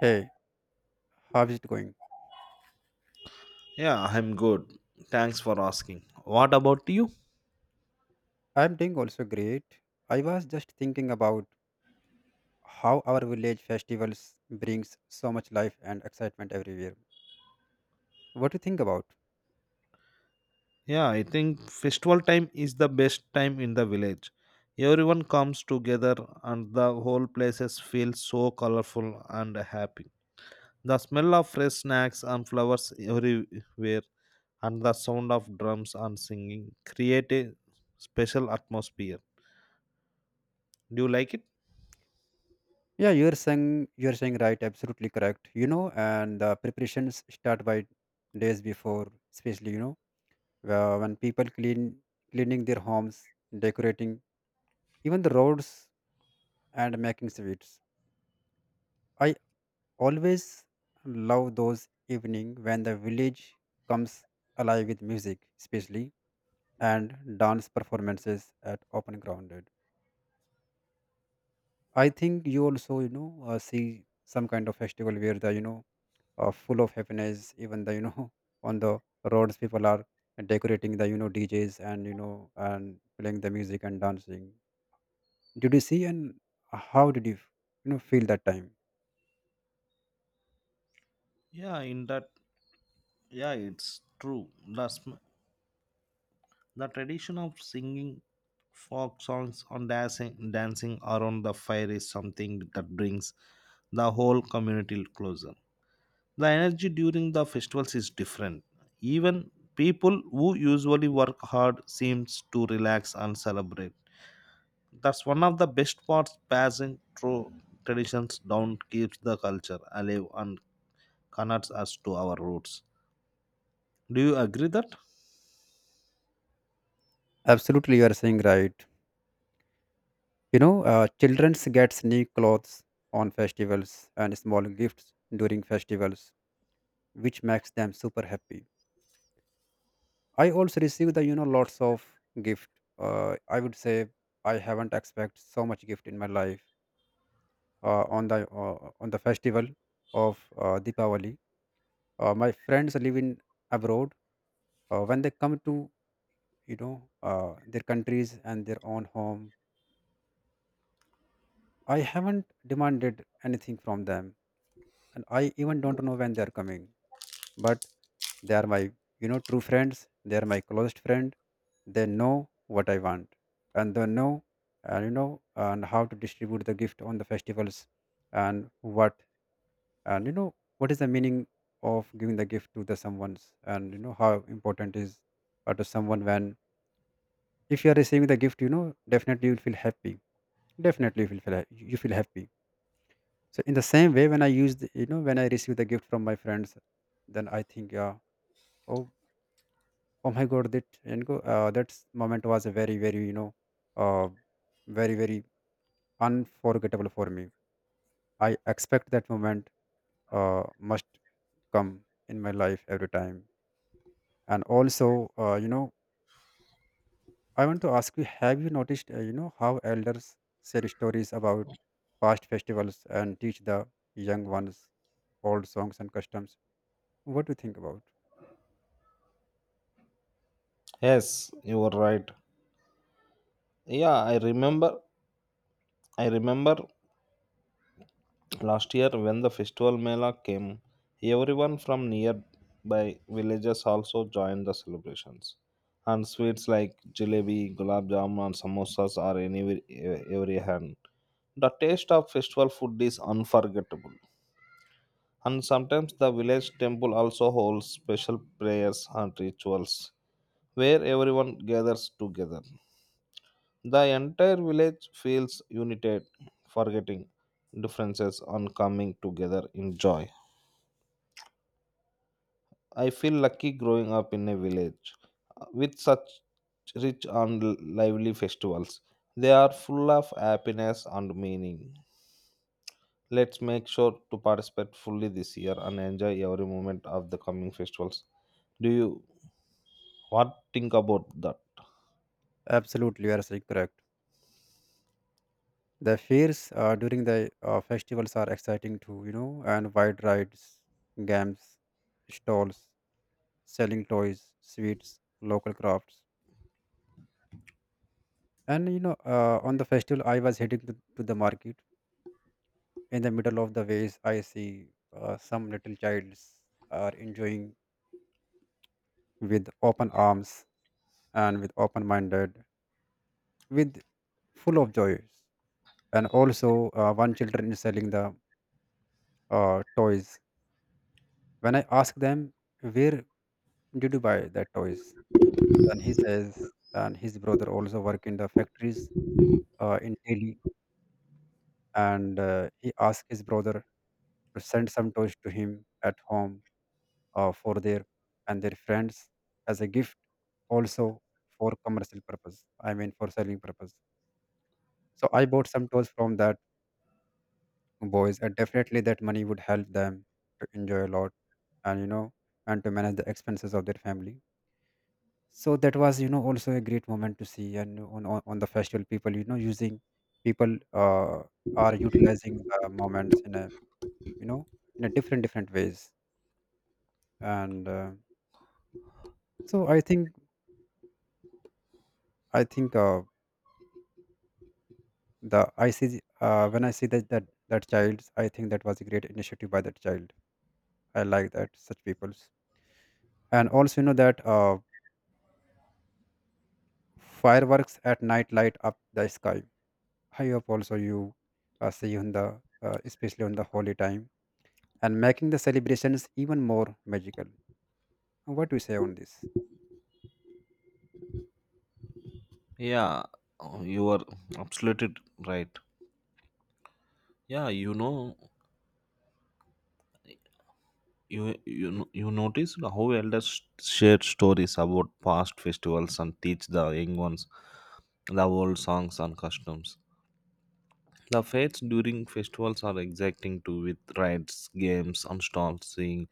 Hey, how's it going? Yeah, I'm good. Thanks for asking. What about you? I'm doing also great. I was just thinking about how our village festivals brings so much life and excitement everywhere. What do you think about? Yeah, I think festival time is the best time in the village. Everyone comes together and the whole places feel so colorful and happy. The smell of fresh snacks and flowers everywhere and the sound of drums and singing create a special atmosphere. Do you like it? Yeah, you're saying right, absolutely correct. You know, and the preparations start by days before, especially when people cleaning their homes, decorating even the roads and making sweets. I always love those evening when the village comes alive with music, especially and dance performances at open grounded. I think you also see some kind of festival where the you know full of happiness. Even the on the roads people are decorating the DJs and and playing the music and dancing. Did you see and how did you you know feel that time? Yeah, in that yeah, it's true. The tradition of singing folk songs on dancing around the fire is something that brings the whole community closer. The energy during the festivals is different. Even people who usually work hard seems to relax and celebrate. That's one of the best parts passing through traditions down keeps the culture alive and connects us to our roots. Do you agree that? Absolutely, you are saying right. Children gets new clothes on festivals and small gifts during festivals, which makes them super happy. I also receive the lots of gift. I would say I haven't expect so much gift in my life on the festival of Deepavali. My friends live in abroad. When they come to you know their countries and their own home, I haven't demanded anything from them, and I even don't know when they are coming, but they are my true friends. They are my closest friend. They know what I want, and they know, and and how to distribute the gift on the festivals, and what, and what is the meaning of giving the gift to the someone's, and how important is, to someone. When, if you are receiving the gift, definitely you'll feel happy. Definitely you feel happy. So in the same way, when I use the, you know when I receive the gift from my friends, then I think, yeah. Oh. Oh my God, that and go, that s- moment was a very, very, uh, very, very unforgettable for me. I expect that moment must come in my life every time. And also, I want to ask you: have you noticed, how elders share stories about past festivals and teach the young ones old songs and customs? What do you think about? Yes, you are right. Yeah, I remember last year, when the festival Mela came, everyone from nearby villages also joined the celebrations. And sweets like jalebi, gulab jamun, and samosas are anywhere, every hand. The taste of festival food is unforgettable. And sometimes the village temple also holds special prayers and rituals where everyone gathers together. The entire village feels united, forgetting differences and coming together in joy. I feel lucky growing up in a village with such rich and lively festivals. They are full of happiness and meaning. Let's make sure to participate fully this year and enjoy every moment of the coming festivals. Do you what think about that? Absolutely, you are saying correct. The fairs during the festivals are exciting too, and wide rides, games, stalls, selling toys, sweets, local crafts. And on the festival, I was heading to the market. In the middle of the ways, I see some little childs are enjoying with open arms and with open-minded, with full of joys. And also, one children is selling the toys. When I ask them, where did you buy that toys? Then he says, and his brother also work in the factories in Delhi, and he asked his brother to send some toys to him at home for their and their friends as a gift, also for commercial purpose. I mean, for selling purpose. So I bought some toys from that boys, and definitely that money would help them to enjoy a lot, and and to manage the expenses of their family. So that was also a great moment to see. And on the festival, people you know using people are utilizing the moments in a you know in a different different ways, and so I think the I see the- when I see that child, I think that was a great initiative by that child. I like that such people's. And also, you know that fireworks at night light up the sky. I hope also you see on the, especially on the holy time, and making the celebrations even more magical. What do you say on this? Yeah, oh, you are absolutely right. Yeah, you know, you you noticed how elders share stories about past festivals and teach the young ones the old songs and customs. The fates during festivals are exciting too, with rides, games, and stalls seeing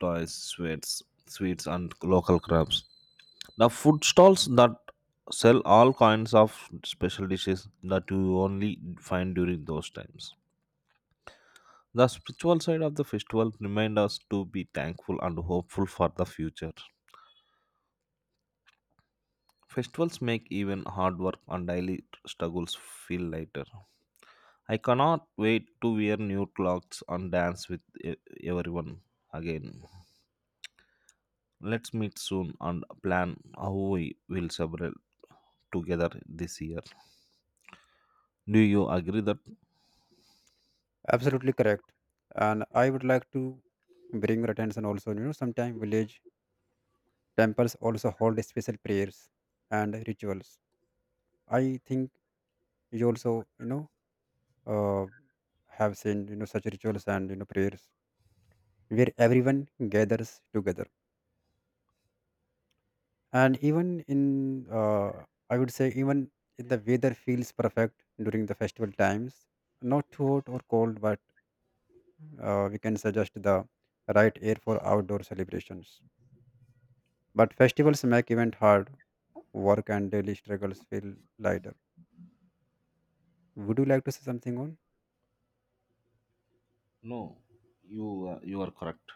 toys, sweets, and local crafts. The food stalls that sell all kinds of special dishes that you only find during those times. The spiritual side of the festival remind us to be thankful and hopeful for the future. Festivals make even hard work and daily struggles feel lighter. I cannot wait to wear new clothes and dance with everyone again. Let's meet soon and plan how we will celebrate together this year. Do you agree that? Absolutely correct. And I would like to bring your attention also, sometimes village temples also hold special prayers and rituals. I think you also, uh, have seen, such rituals and, prayers where everyone gathers together. And even in, I would say, even in the weather feels perfect during the festival times, not too hot or cold, but we can suggest the right air for outdoor celebrations. But festivals make event hard, work and daily struggles feel lighter. Would you like to say something on? No, you you are correct.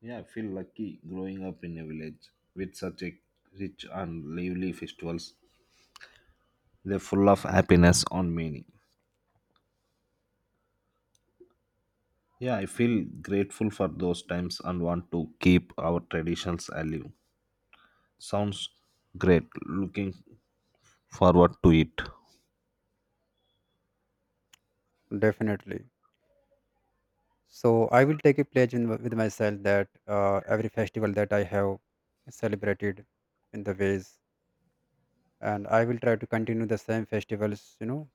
Yeah, I feel lucky growing up in a village with such a rich and lively festivals. They're full of happiness and meaning. Yeah, I feel grateful for those times and want to keep our traditions alive. Sounds great. Looking forward to it. Definitely. So I will take a pledge with myself, that every festival that I have celebrated in the ways, and I will try to continue the same festivals, you know,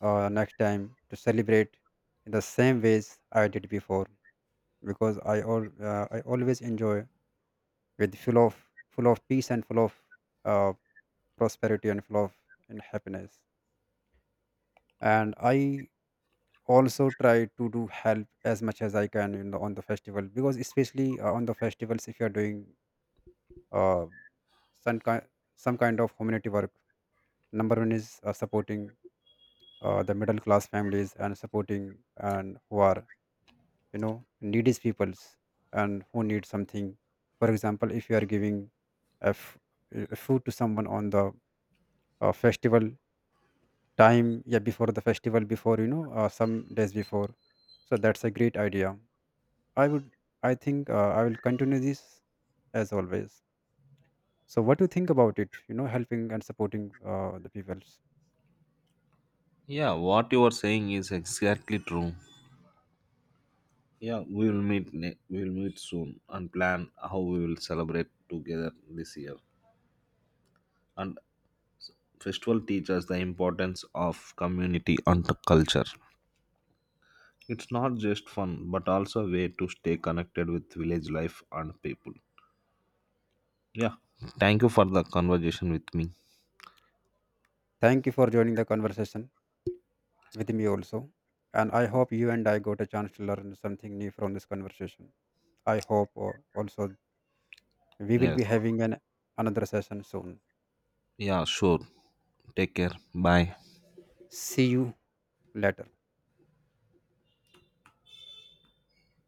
uh, next time, to celebrate in the same ways I did before, because I always enjoy with full of peace and full of uh, prosperity and full of and happiness. And I also try to do help as much as I can in the, on the festival, because especially on the festivals, if you are doing uh, some kind some kind of community work. Number one is supporting the middle class families, and supporting and who are needy peoples and who need something. For example, if you are giving a f- a food to someone on the festival time, yeah, before the festival, before, some days before. So that's a great idea. i would I think, I will continue this as always. So what do you think about it, helping and supporting the peoples? Yeah, what you are saying is exactly true. Yeah, we will meet. We will meet soon and plan how we will celebrate together this year. And festival teaches the importance of community and the culture. It's not just fun, but also a way to stay connected with village life and people. Yeah, thank you for the conversation with me. Thank you for joining the conversation with me also, and I hope you and I got a chance to learn something new from this conversation. I hope, also we will Yes. be having an another session soon. Yeah, sure. Take care. Bye. See you later.